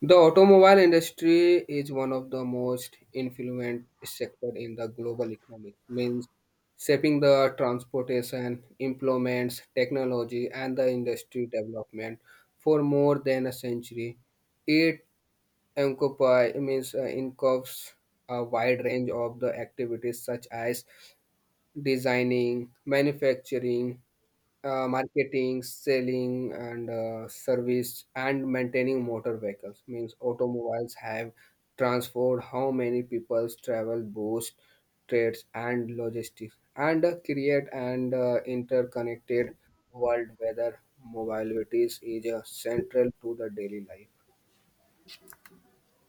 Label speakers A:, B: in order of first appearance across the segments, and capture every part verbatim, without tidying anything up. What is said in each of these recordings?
A: The automobile industry is one of the most influent sector in the global economy, means shaping the transportation, implements, technology, and the industry development for more than a century. It encompasses means uh, encompasses a wide range of the activities such as designing, manufacturing, uh, marketing, selling, and uh, service, and maintaining motor vehicles. Means automobiles have transformed how many people's travel, boost trades, and logistics, and uh, create an uh, interconnected world where mobility is uh, central to the daily life.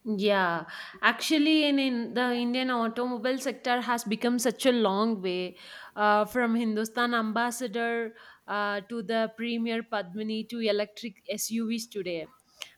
B: Yeah, actually, in, in the Indian automobile sector has become such a long way uh, from Hindustan ambassador uh, to the Premier Padmini to electric S U Vs today,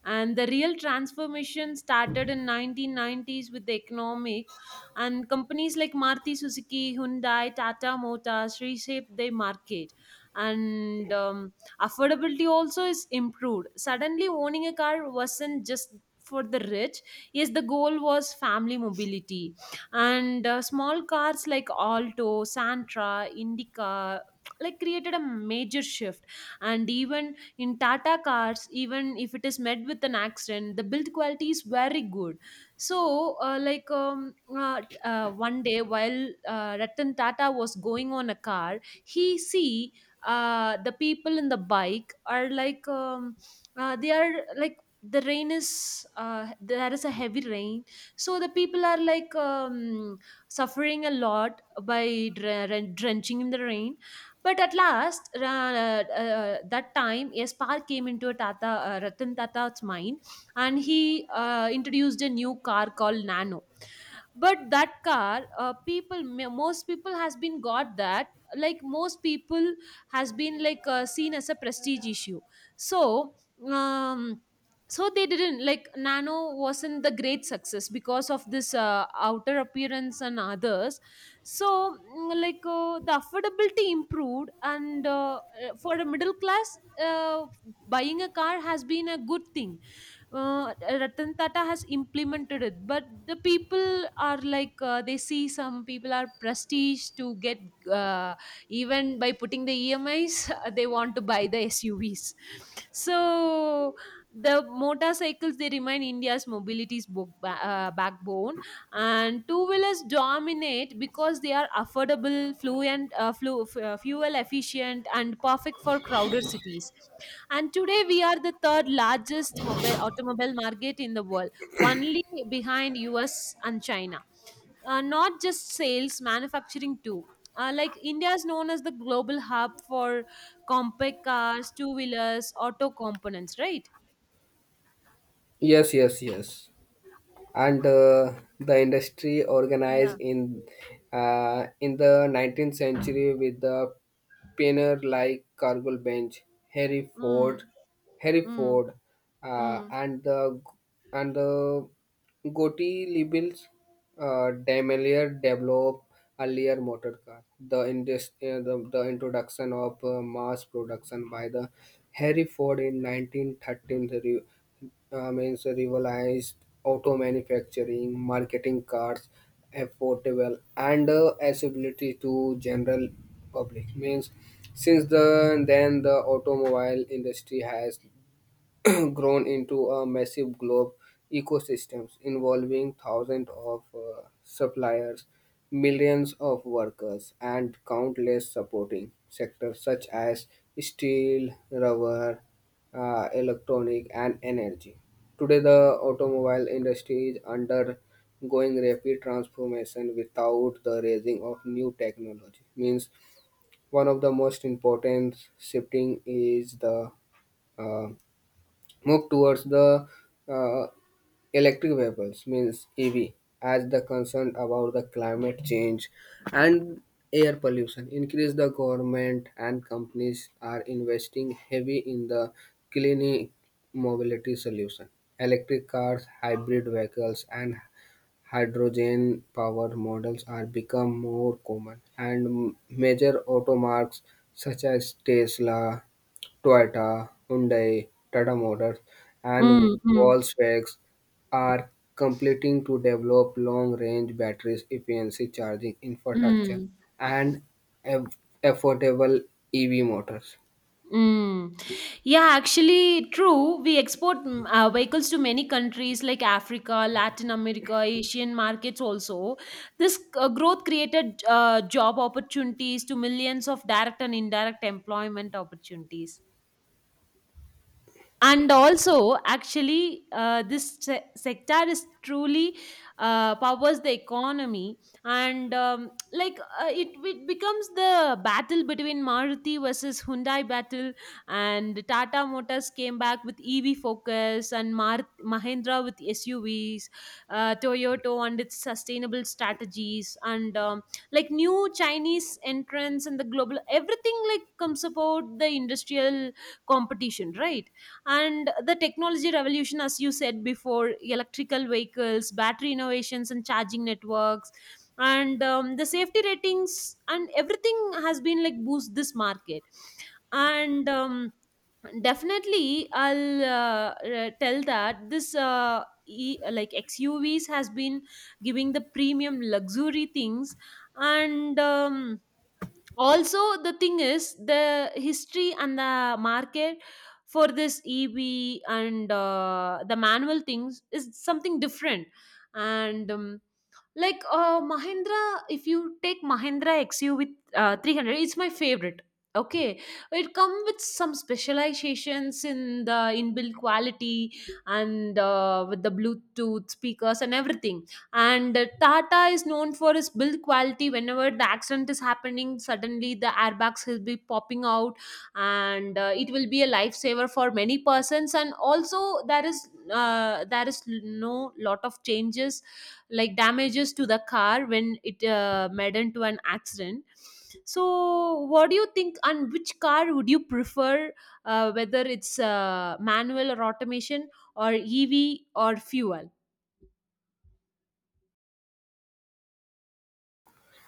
B: and the real transformation started in nineteen nineties with the economic and companies like Maruti Suzuki, Hyundai, Tata Motors reshaped their market and um, affordability also is improved. Suddenly owning a car wasn't just for the rich. Yes, the goal was family mobility, and uh, small cars like Alto, Santra, Indica like created a major shift. And even in Tata cars, even if it is met with an accident, the build quality is very good. So uh, like um, uh, t- uh, one day while uh, Ratan Tata was going on a car, he see uh, the people in the bike are like, um, uh, they are like the rain is, uh, there is a heavy rain. So the people are like, um, suffering a lot by dren- drenching in the rain. But at last, ra- uh, uh, that time, a spark came into a Tata, uh, Ratan Tata's mind, and he uh, introduced a new car called Nano. But that car, uh, people m- most people has been got that, like most people has been like uh, seen as a prestige issue. So um so they didn't like Nano wasn't the great success because of this uh, outer appearance and others. So mm, like uh, the affordability improved, and uh, uh, for the middle class, uh, buying a car has been a good thing. uh, Ratan Tata has implemented it, but the people are like, uh, they see some people are prestige to get, uh, even by putting the E M Is, they want to buy the S U Vs. So the motorcycles they remain India's mobility's bo- ba- uh, backbone, and two wheelers dominate because they are affordable, fluent, uh, flu- f- uh, fuel efficient, and perfect for crowded cities. And today we are the third largest mobile automobile market in the world, only behind U S and China. Uh, not just sales, manufacturing too. Uh, like India is known as the global hub for compact cars, two wheelers, auto components, right?
A: Yes, yes, yes. and uh, the industry
B: Yeah.
A: organized in uh, in the nineteenth century with the pioneer like Cargill Bench, Harry Ford,
B: Mm,
A: Harry
B: mm,
A: Ford, uh,
B: mm.
A: and the and the Gotti labels uh, Daimler developed earlier motor car. The, indus- uh, the, the introduction of uh, mass production by the Harry Ford in nineteen thirteen re- uh, means revolutionized auto manufacturing, marketing cars affordable and uh, accessibility to general public. Means since the, then the automobile industry has grown into a massive globe ecosystems involving thousands of uh, suppliers, millions of workers, and countless supporting sectors such as steel, rubber, uh, electronic, and energy. Today, the automobile industry is undergoing rapid transformation without the raising of new technology. Means one of the most important shifting is the uh, move towards the uh, electric vehicles means ev. As the concern about the climate change and air pollution increase, the government and companies are investing heavy in the clean mobility solution, electric cars, hybrid vehicles and hydrogen powered models are become more common, and major automarks such as Tesla, Toyota, Hyundai, Tata Motors, and
B: Mm, mm,
A: Volkswagen are completing to develop long-range batteries, efficiency charging infrastructure,
B: mm.
A: and aff- affordable E V motors.
B: Mm. Yeah, actually, true. We export mm, uh, vehicles to many countries like Africa, Latin America, Asian markets also. This uh, growth created uh, job opportunities to millions of direct and indirect employment opportunities. And also actually, uh, this se- sector is truly, uh, powers the economy. And um, like uh, it, it becomes the battle between Maruti versus Hyundai battle, and Tata Motors came back with EV focus, and Mar- Mahindra with SUVs, uh, Toyota and its sustainable strategies, and um, like new Chinese entrants, and the global everything like comes about the industrial competition, right? And the technology revolution, as you said before, electrical vehicles, battery innovations, and charging networks. And um, the safety ratings and everything has been like boost this market. And um, definitely I'll uh, uh, tell that this uh, e- like X U Vs has been giving the premium luxury things. And um, also the thing is the history and the market for this EV, and uh, the manual things is something different. And um, like uh, Mahindra, if you take Mahindra X U V uh, three hundred, it's my favorite. Okay, it comes with some specializations in the inbuilt quality and uh, with the Bluetooth speakers and everything. And uh, Tata is known for its build quality. Whenever the accident is happening, suddenly the airbags will be popping out, and uh, it will be a lifesaver for many persons. And also there is uh, there is no lot of changes, like damages to the car when it uh, maddened to an accident. So what do you think, and which car would you prefer, uh, whether it's uh, manual or automation or EV or fuel?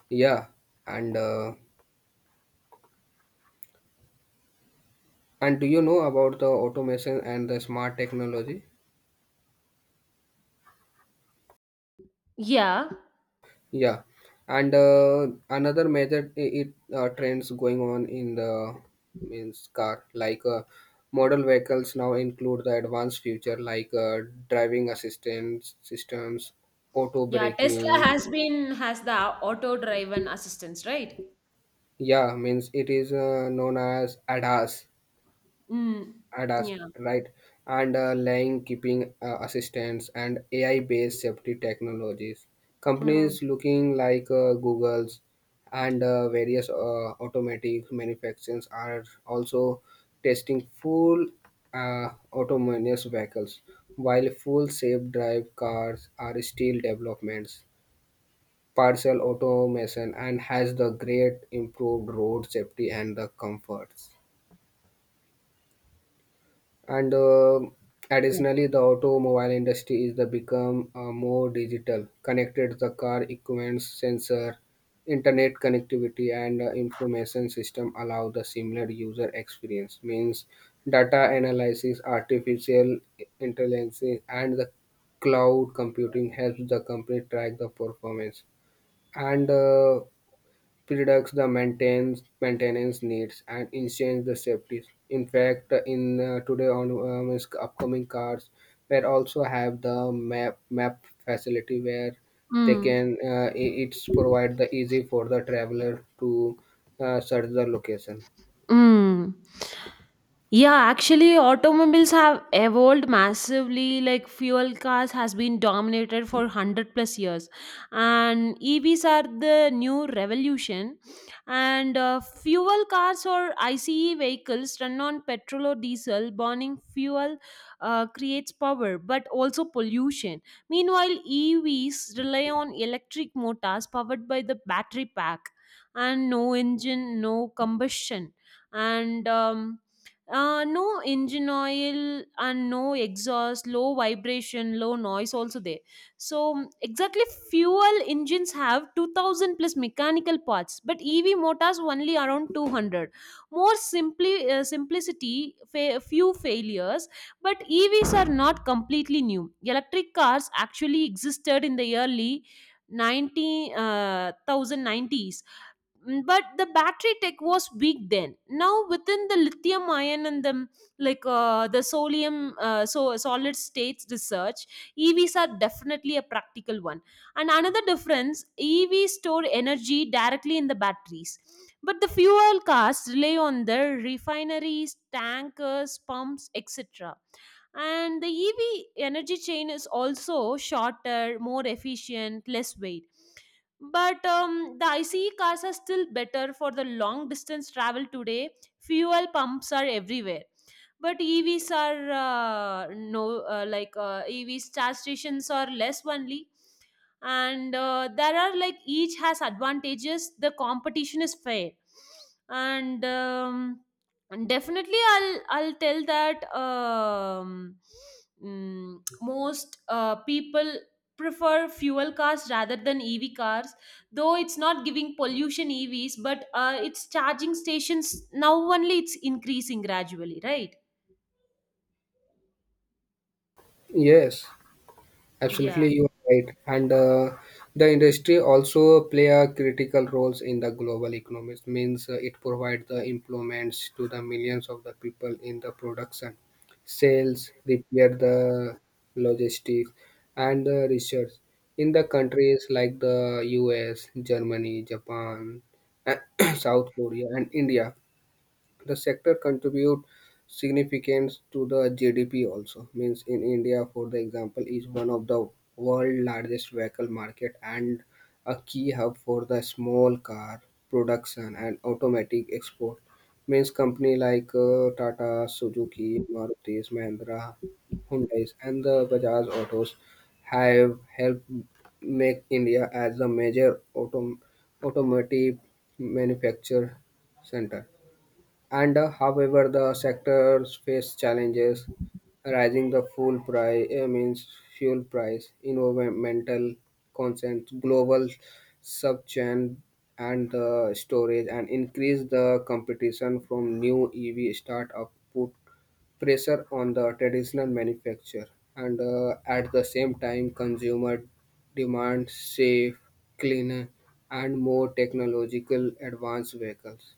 A: Yeah. And uh, and do you know about the automation and the smart technology?
B: Yeah,
A: Yeah. and uh, Another method I- it uh, trends going on in the means car like uh, model vehicles now include the advanced feature like uh, driving assistance systems, auto
B: yeah, Tesla
A: braking.
B: has been has the auto driven assistance, right?
A: Yeah, means it is uh, known as ADAS.
B: Mm.
A: ADAS,
B: Yeah.
A: right? And uh, line keeping uh, assistance and A I-based safety technologies.
B: Mm.
A: Companies looking like uh, Google's and uh, various uh, automatic manufacturers are also testing full uh, autonomous vehicles, while full self-drive cars are still developments. Partial automation and has the great improved road safety and the comforts. and uh, additionally, the automobile industry is the become uh, more digital connected. The car equipment sensor, internet connectivity and uh, information system allow the similar user experience. Means data analysis, artificial intelligence and the cloud computing helps the company track the performance and uh, reduce the maintenance maintenance needs and enhance the safety. In fact, in uh, today on um, is upcoming cars, where also have the map map facility where they
B: Mm.
A: can uh, i- it's provide the easy for the traveler to uh, search the location.
B: Mm. Yeah, actually, automobiles have evolved massively. Like fuel cars has been dominated for one hundred plus years, and E Vs are the new revolution. And uh, fuel cars or ICE vehicles run on petrol or diesel. Burning fuel uh, creates power, but also pollution. Meanwhile, E Vs rely on electric motors powered by the battery pack, and no engine, no combustion, and um, uh, no engine oil and no exhaust, low vibration, low noise also there. So mm, exactly, fuel engines have two thousand plus mechanical parts, but E V motors only around two hundred. More simply, uh, simplicity, fa- few failures, but E Vs are not completely new. Electric cars actually existed in the early 90 uh, ten ninety s. Mm, but the battery tech was weak then. Now within the lithium ion and the, like, uh, the sodium, uh, so solid states research, EVs are definitely a practical one. And another difference, EVs store energy directly in the batteries, but the fuel cars rely on the refineries, tankers, pumps, etc. And the EV energy chain is also shorter, more efficient, less weight. But um, the ICE cars are still better for the long distance travel today. Fuel pumps are everywhere, but EVs are uh, no uh, like uh, EVs charge stations are less only. And uh, there are, like, each has advantages, the competition is fair. And um, and definitely i'll i'll tell that, um, mm, most uh, people prefer fuel cars rather than EV cars, though it's not giving pollution EVs, but uh, it's charging stations now only it's increasing gradually, right?
A: Yes. Absolutely,
B: Yeah.
A: you are right. And uh, the industry also play a critical roles in the global economies. Means uh, it provides the employments to the millions of the people in the production, sales, repair, the logistics, and the research. In the countries like the U S, Germany, Japan, South Korea, and India, the sector contribute significance to the G D P also, means in India for the example is one of the world largest vehicle market and a key hub for the small car production and automatic export, means company like uh, Tata, Suzuki, Marutis, Mahindra, Hyundais and the Bajaj Autos have helped make India as a major autom- automotive manufacture center. And uh, however, the sectors face challenges rising the fuel price uh, means fuel price, environmental concerns, global subchain and the storage, and increase the competition from new E V startup put pressure on the traditional manufacturer. And uh, at the same time, consumer demand safe, cleaner, and more technological advanced vehicles.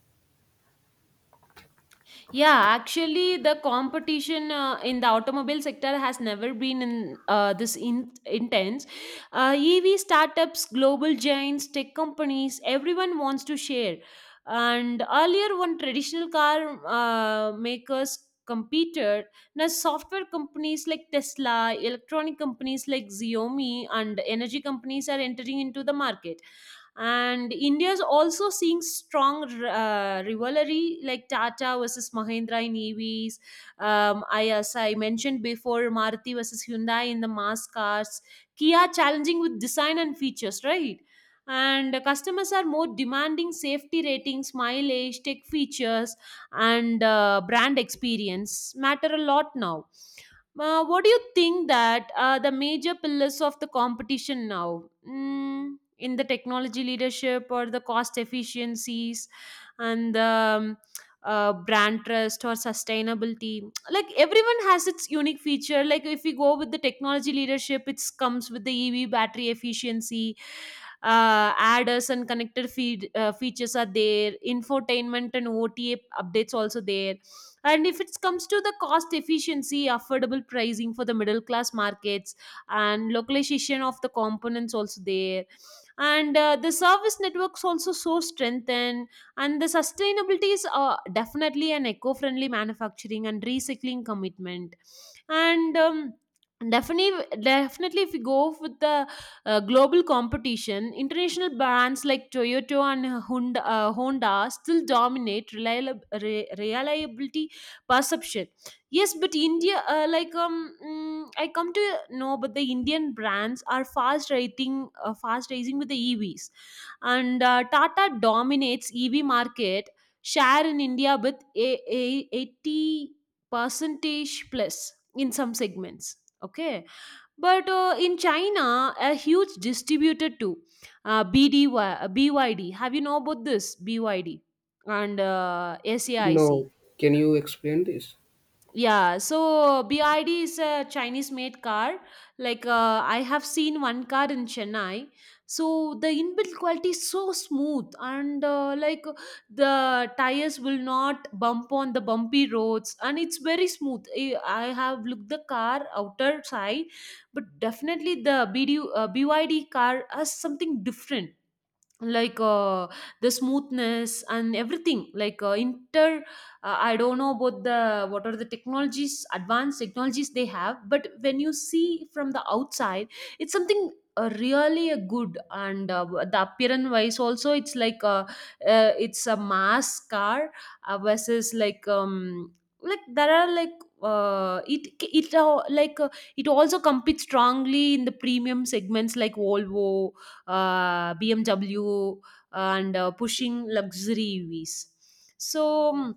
B: Yeah, actually the competition, uh, in the automobile sector has never been in uh, this in- intense. Uh, E V startups, global giants, tech companies, everyone wants to share. And earlier when traditional car uh, makers competed, now software companies like Tesla, electronic companies like Xiaomi, and energy companies are entering into the market. And India is also seeing strong uh, rivalry, like Tata versus Mahindra in EVs. Um, I, as I mentioned before, Maruti versus Hyundai in the mass cars, Kia challenging with design and features, right? And customers are more demanding safety ratings, mileage, tech features, and uh, brand experience matter a lot now. Uh, what do you think that are the major pillars of the competition now, mm, in the technology leadership or the cost efficiencies and, um, uh, brand trust or sustainability? Like everyone has its unique feature. Like if we go with the technology leadership, it comes with the EV battery efficiency, uh, adders and connected feed uh, features are there, infotainment and O T A updates also there. And if it comes to the cost efficiency, affordable pricing for the middle class markets, and localization of the components also there, and uh, the service networks also so strengthened. And the sustainability is, uh, definitely an eco-friendly manufacturing and recycling commitment. And um, definitely, definitely, if we go with the uh, global competition, international brands like Toyota and Honda, uh, Honda still dominate reliab- re- reliability perception. Yes, but India, uh, like um, mm, I come to know, but the Indian brands are fast rating, uh, fast rising with the E Vs. And uh, Tata dominates E V market share in India with a, a eighty percentage plus in some segments. Okay, but uh, in China, a huge distributor too, uh, BDY, uh, B Y D. Have you know about this BYD and uh, S A I C?
A: No, can you explain this?
B: Yeah, so B I D is a Chinese-made car. Like uh, I have seen one car in Chennai. So the inbuilt quality is so smooth, and uh, like the tires will not bump on the bumpy roads, and it's very smooth. I I have looked the car outer side, but definitely the BD, uh, B Y D car has something different, like, uh, the smoothness and everything, like, uh, inter uh, I don't know about the what are the technologies, advanced technologies they have. But when you see from the outside, it's something, uh, really a good. And uh, the appearance wise also, it's like, uh, uh, it's a mass car, uh, versus, like, um like there are, like, uh, it it uh, like uh, it also competes strongly in the premium segments like Volvo, uh, B M W, and uh, pushing luxuries. So mm,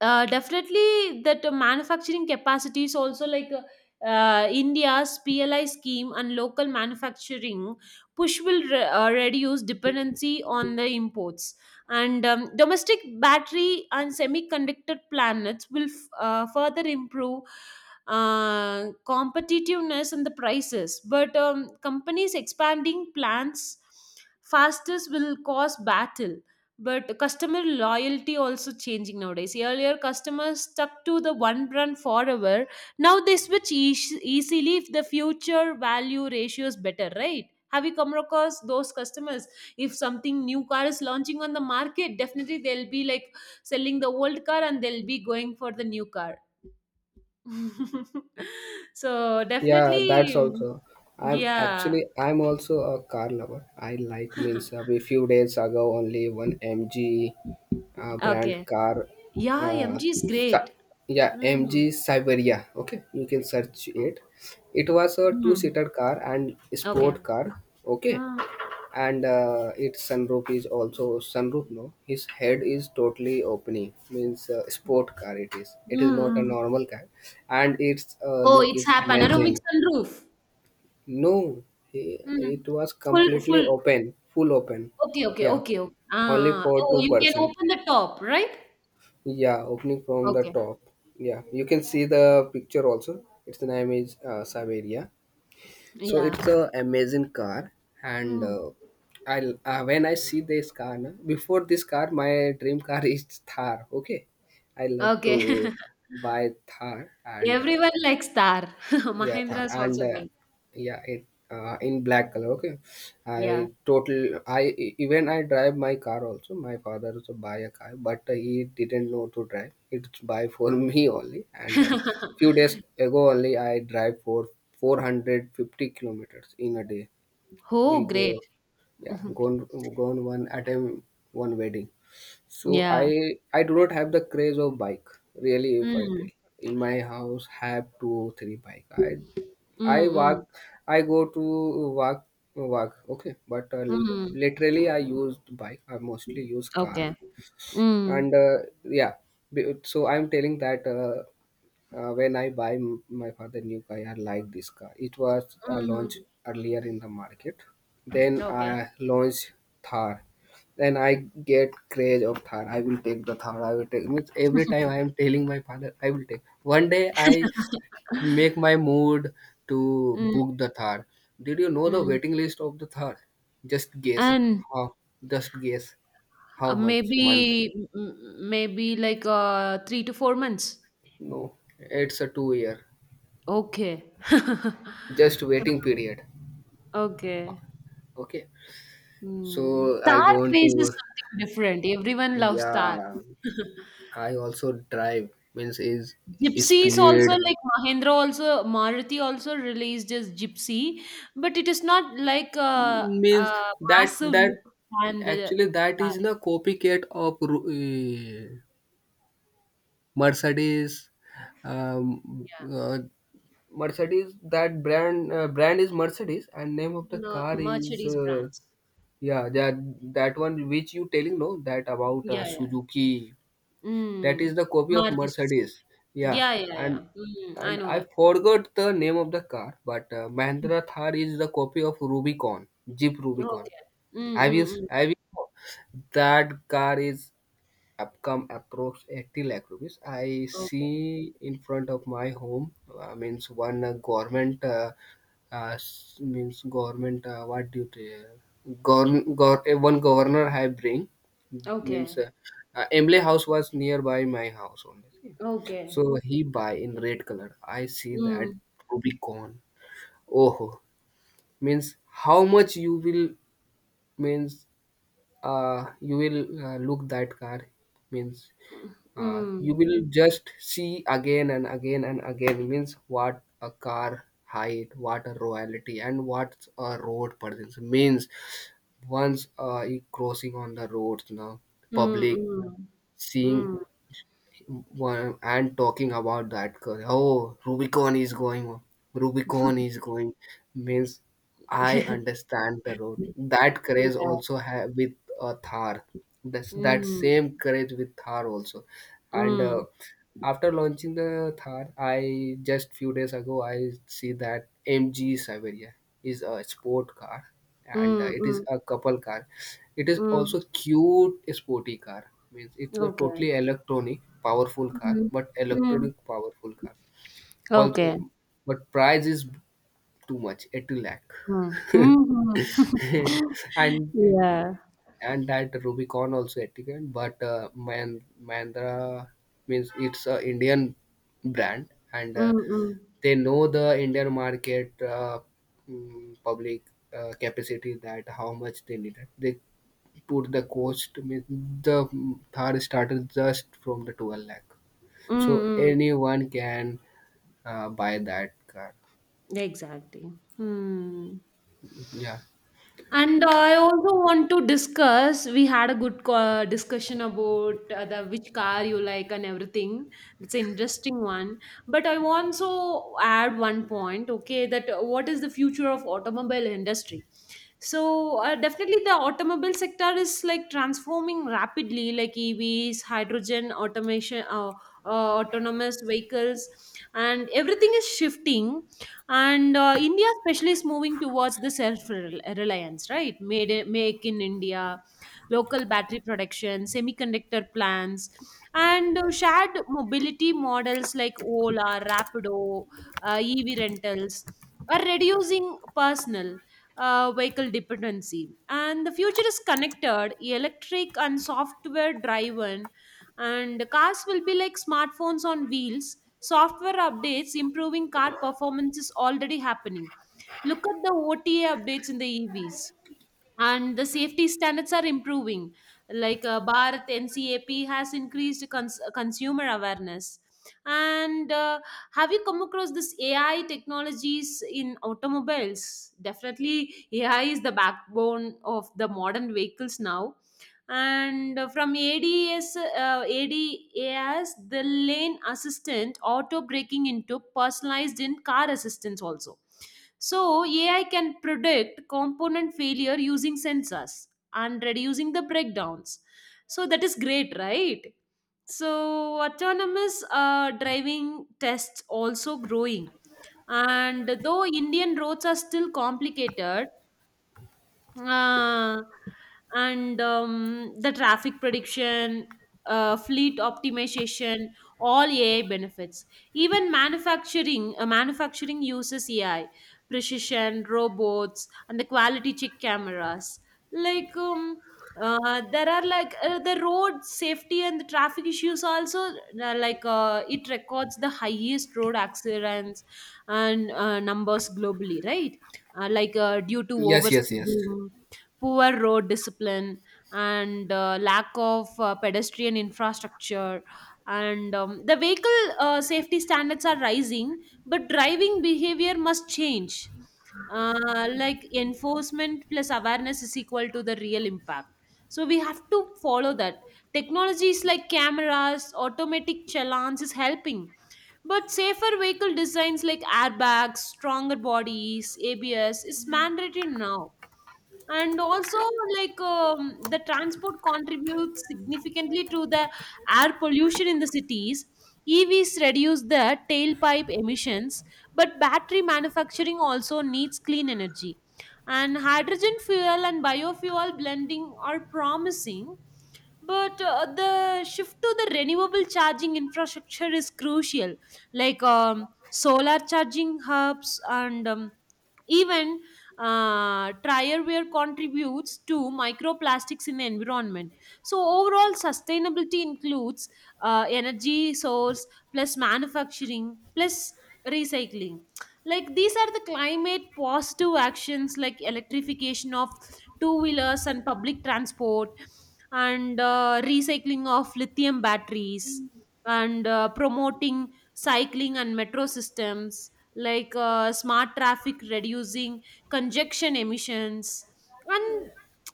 B: uh, definitely that, uh, manufacturing capacities also, like, uh, uh, India's P L I scheme and local manufacturing push will re- uh, reduce dependency on the imports. And um, domestic battery and semiconductor planets will f- uh, further improve uh, competitiveness and the prices. But um, companies expanding plants fastest will cause battle. But customer loyalty also changing nowadays. Earlier, customers stuck to the one brand forever. Now they switch eas easily if the future value ratio is better, right? Have you come across those customers? If something new car is launching on the market, definitely they'll be like selling the old car and they'll be going for the new car. So
A: Yeah,
B: definitely,
A: that's
B: mm,
A: also. I'm
B: yeah.
A: actually I'm also a car lover. I like means uh, a few days ago only one M G uh, brand
B: Okay.
A: car.
B: Yeah,
A: Uh,
B: M G is great.
A: Cy- yeah,
B: Mm.
A: M G Siberia. Okay, you can search it. It was a
B: Mm.
A: two-seater car and
B: Okay.
A: sport car. Okay,
B: Mm.
A: and uh, its sunroof is also sunroof, no, his head is totally opening, means uh, sport car, it is
B: Mm,
A: it is not a
B: mm.
A: normal car, and its uh,
B: Oh,
A: look
B: it's
A: is
B: have panoramic
A: amazing.
B: sunroof.
A: No he,
B: Mm.
A: it was
B: Full,
A: completely
B: full.
A: open, full open.
B: Okay, okay,
A: Yeah,
B: okay, okay.
A: only
B: Ah, ah.
A: for
B: Oh,
A: two
B: you can
A: person.
B: open the top, right?
A: Yeah, opening from the
B: Okay.
A: top. Yeah, you can see the picture also. Its name is uh, Saveria. So
B: Yeah.
A: it's a amazing car, and
B: Mm.
A: uh, I uh, when I see this car, na, before this car, my dream car is Thar. Okay, I love to
B: Okay.
A: buy Thar, and uh,
B: Everyone likes Tar.
A: yeah
B: Mahindra
A: tha-
B: is also
A: and uh,
B: good.
A: yeah it uh, in black color. Okay. i
B: Yeah.
A: total i e- even i drive my car also. My father also buy a car, but uh, he didn't know to drive, it's buy for me only. And uh, few days ago only i drive for four hundred fifty kilometers in a day. We
B: Oh,
A: go,
B: great.
A: yeah, gone gone one at a one wedding. So I
B: Yeah.
A: I do not have the craze of bike, really. If I tell
B: Mm.
A: in my house have two or three bike. I I walk,
B: Mm,
A: I go to walk walk okay. But uh,
B: mm, mm.
A: literally I use bike. I mostly use car,
B: Okay. Mm.
A: and uh, yeah. be- So I'm telling that. Uh, uh, when I buy m- my father new car, I like this car. It was uh, launched
B: Mm.
A: earlier in the market. Then
B: Okay.
A: I launched Thar. Then I get craze of Thar. I will take the Thar. I will take. Means every time I am telling my father, I will take. One day I make my mood to
B: Mm,
A: book the Thar. Did you know the
B: mm.
A: waiting list of the Thar? Just guess.
B: And
A: How? Just guess.
B: Uh,
A: How much month?
B: maybe m- maybe like uh, three to four months.
A: No, it's a two year.
B: Okay.
A: Just waiting period.
B: Okay.
A: Okay. So
B: Hmm.
A: I
B: Tar
A: go on
B: craze is
A: to,
B: something different. Everyone loves Tar.
A: yeah. I also drive means is
B: Gypsies also
A: speed,
B: like Mahindra also Maruti also released as Gypsy, but it is not like a,
A: means
B: a
A: that
B: massive
A: that
B: look than the
A: actually that
B: Tar.
A: is the copycat of Ru- eh, Mercedes. Um,
B: Yeah,
A: uh, Mercedes, that brand uh, brand is Mercedes and name of the
B: no,
A: car is
B: Mercedes
A: uh,
B: brands.
A: yeah, that that one which you telling, no, that about uh,
B: Yeah, yeah.
A: Suzuki. That
B: Mm.
A: is the copy of
B: Maruti. Suzuki.
A: Mercedes. Yeah,
B: Yeah, yeah, yeah.
A: and
B: Mm, I
A: and
B: know
A: I
B: that.
A: forgot the name of the car, but uh, Mahindra Thar is the copy of Rubicon, Jeep Rubicon.
B: Okay. Mm,
A: Have you
B: mm, mm.
A: have you? That car is upcome approx eighty lakh rupees. I
B: Okay.
A: see in front of my home uh, means one uh, government uh, uh, s- means government, uh, what do you say? Govern, gov- uh, one governor I bring, means
B: Okay.
A: uh, uh, emily house was nearby my house only, see?
B: Okay.
A: So he buy in red color. I see that
B: Mm,
A: Rubicon. Oh, means how much you will, means uh you will uh, look that car, means uh, you
B: mm,
A: will just see again and again and again, means what a car height, what a royalty and what a road presence, means once uh, you crossing on the roads now,
B: mm,
A: public
B: mm,
A: seeing
B: mm.
A: one and talking about that car, oh, Rubicon is going on, Rubicon is going, means I understand the road, that courage
B: Yeah.
A: also have with a Thar, that's that
B: Mm,
A: same courage with Thar also, and uh,
B: mm,
A: after launching the Thar, I just few days ago I see that M G Saveria is a sport car, and uh,
B: mm,
A: it is
B: mm,
A: a couple car. It is
B: mm.
A: also cute sporty car. Means it's a
B: Okay.
A: totally electronic powerful car,
B: Mm,
A: but
B: mm.
A: electronic powerful car. All
B: Okay.
A: um, but price is too much, eighty lakh.
B: Mm. Mm-hmm.
A: and
B: Yeah.
A: and that Rubicon also etiquette. But uh, Man- Mahindra means it's a Indian brand, and
B: Mm,
A: uh,
B: mm,
A: they know the Indian market uh, mm, public uh, capacity that how much they needed. They put the cost means the Thar started just from the twelve lakh,
B: mm,
A: so
B: mm.
A: anyone can uh, buy that car.
B: Exactly. Hmm.
A: Yeah.
B: And I also want to discuss. We had a good co- discussion about uh, the which car you like and everything. It's an interesting one. But I want to add one point. Okay, that uh, what is the future of automobile industry? So uh, definitely, the automobile sector is like transforming rapidly, like E Vs, hydrogen, automation, uh, uh, autonomous vehicles, and everything is shifting, and uh, India especially is moving towards the self reliance, right? Made in- make in India, local battery production, semiconductor plants, and uh, shared mobility models like Ola, Rapido, uh, EV rentals are reducing personal uh, vehicle dependency. And the future is connected, electric, and software driven, and cars will be like smartphones on wheels. Software updates improving car performance is already happening. Look at the O T A updates in the E Vs. And the safety standards are improving. Like uh, Bharat N CAP has increased cons- consumer awareness. And uh, have you come across this A I technologies in automobiles? Definitely, A I is the backbone of the modern vehicles now, and uh, from A D S, uh, A D A S, the lane assistant, auto braking, into personalized in car assistance also. So A I can predict component failure using sensors and reducing the breakdowns. So that is great, right? So autonomous uh, driving tests also growing, and though Indian roads are still complicated, uh, and um, the traffic prediction, uh, fleet optimization, all A I benefits. Even manufacturing, uh, manufacturing uses A I, precision robots, and the quality check cameras. Like um, uh, there are like uh, the road safety and the traffic issues also, uh, like uh, it records the highest road accidents and uh, numbers globally, right? uh, like uh, due to
A: Yes. Yes. Yes.
B: overspeeding, poor road discipline, and uh, lack of uh, pedestrian infrastructure. And um, the vehicle uh, safety standards are rising, but driving behavior must change. Uh, like enforcement plus awareness is equal to the real impact. So we have to follow that. Technologies like cameras, automatic challans is helping, but safer vehicle designs like airbags, stronger bodies, A B S is mandatory now. And also, like um, the transport contributes significantly to the air pollution in the cities. E Vs reduce the tailpipe emissions, but battery manufacturing also needs clean energy. And hydrogen fuel and biofuel blending are promising, but uh, the shift to the renewable charging infrastructure is crucial, like um, solar charging hubs, and um, even uh, wear contributes to microplastics in the environment. So overall, sustainability includes uh, energy source plus manufacturing plus recycling. Like these are the climate positive actions, like electrification of two wheelers and public transport, and uh, recycling of lithium batteries, and uh, promoting cycling and metro systems, like uh, smart traffic reducing congestion emissions, and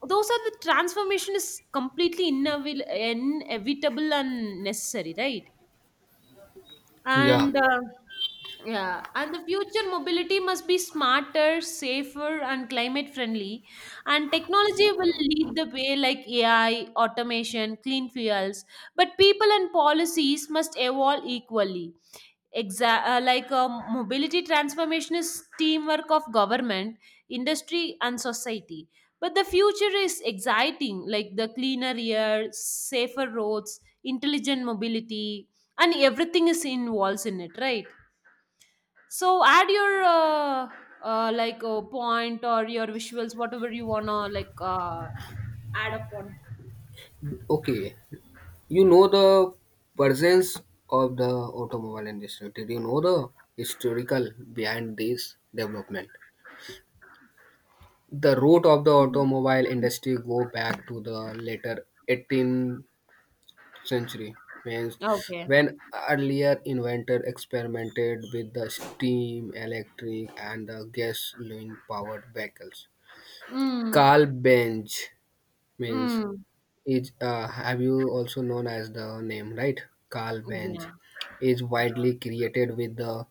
B: those are the transformation is completely inevitable, inevitable and necessary, right?
A: Yeah.
B: and uh, Yeah, and the future mobility must be smarter, safer, and climate friendly, and technology will lead the way, like AI, automation, clean fuels, but people and policies must evolve equally. Exa- uh, like uh, mobility transformation is teamwork of government, industry, and society, but the future is exciting, like the cleaner air, safer roads, intelligent mobility, and everything is involved in it, right? So add your uh, uh, like uh, point or your visuals, whatever you wanna like uh, add up on.
A: Okay. You know the presence of the automobile industry. Did you know the historical behind this development? The root of the automobile industry go back to the later eighteenth century, means
B: Okay.
A: when earlier inventor experimented with the steam, electric, and the gasoline powered vehicles.
B: Mm.
A: Carl Benz means
B: Mm.
A: is, uh, have you also known as the name, right? Carl Benz
B: Yeah.
A: is widely created with the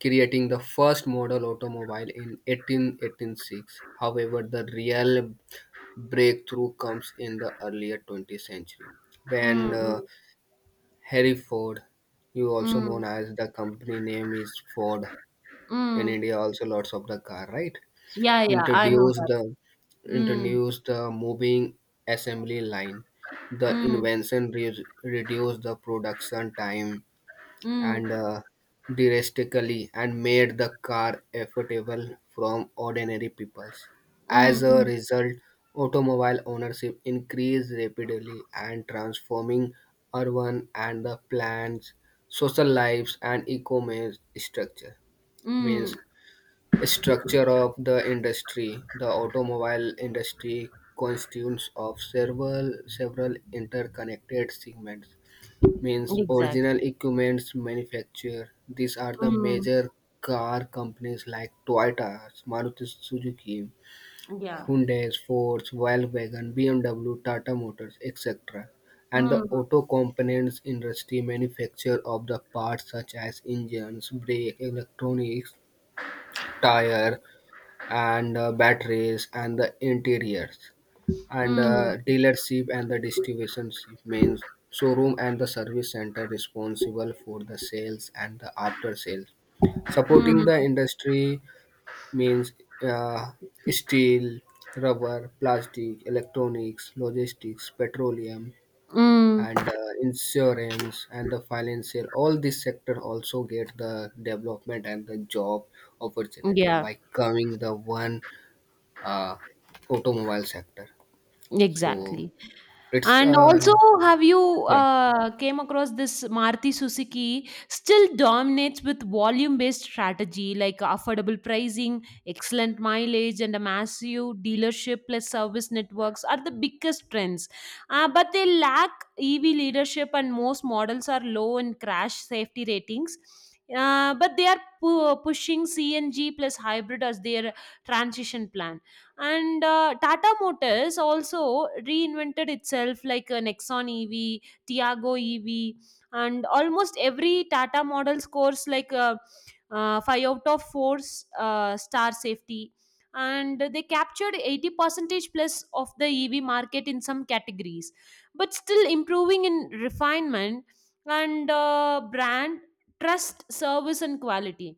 A: creating the first model automobile in eighteen eighty-six. However, the real breakthrough comes in the earlier twentieth century
B: Mm.
A: when uh,
B: Mm.
A: Harry Ford, you also
B: Mm.
A: known as the company name is Ford, in
B: Mm.
A: India also lots of the car, right,
B: Yeah. Yeah. I know
A: introduce
B: that.
A: the
B: Mm.
A: introduce the moving assembly line. The
B: Mm.
A: invention re- reduced the production time
B: Mm.
A: and uh, drastically and made the car affordable from ordinary peoples. As
B: Mm.
A: a
B: Mm.
A: result, automobile ownership increased rapidly and transforming urban and the plans, social lives and e-commerce structure. Means
B: Mm.
A: structure of the industry: the automobile industry constitutes of several several interconnected segments. Means
B: Exact.
A: original equipments manufacturer. These are the
B: Mm.
A: major car companies like Toyota, Maruti Suzuki,
B: Yeah.
A: Hyundai, Ford, Volkswagen, B M W, Tata Motors, et cetera. And the
B: Mm.
A: auto components industry manufacture of the parts such as engines, brake, electronics, tire, and uh, batteries and the interiors, and
B: Mm.
A: uh, dealership and the distributionship means showroom and the service center responsible for the sales and the after sales supporting the
B: Mm.
A: industry, means uh, steel, rubber, plastic, electronics, logistics, petroleum
B: Mm.
A: and uh, insurance and the financial, all these sector also get the development and the job opportunity
B: Yeah.
A: by coming the one uh, automobile sector. So
B: Exactly.
A: it's
B: And
A: uh,
B: also, have you
A: yeah.
B: uh, came across this? Maruti Suzuki still dominates with volume-based strategy, like affordable pricing, excellent mileage, and a massive dealership plus service networks are the biggest trends. Uh, but they lack E V leadership, and most models are low in crash safety ratings. Uh, but they are pu- pushing C N G plus hybrid as their transition plan, and uh, Tata Motors also reinvented itself like a Nexon E V, Tiago E V, and almost every Tata model scores like uh, uh, five out of four s- uh, star safety, and they captured eighty percentage plus of the E V market in some categories, but still improving in refinement and uh, brand trust, service, and quality.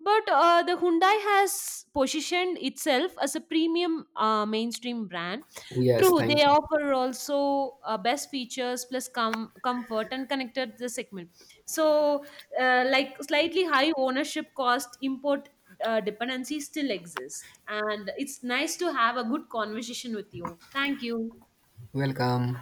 B: But uh, the Hyundai has positioned itself as a premium uh, mainstream brand.
A: Yes,
B: True, they
A: thank you.
B: offer also uh, best features plus com- comfort and connected the segment. So, uh, like slightly high ownership cost, import uh, dependency still exists. And it's nice to have a good conversation with you. Thank you.
A: Welcome.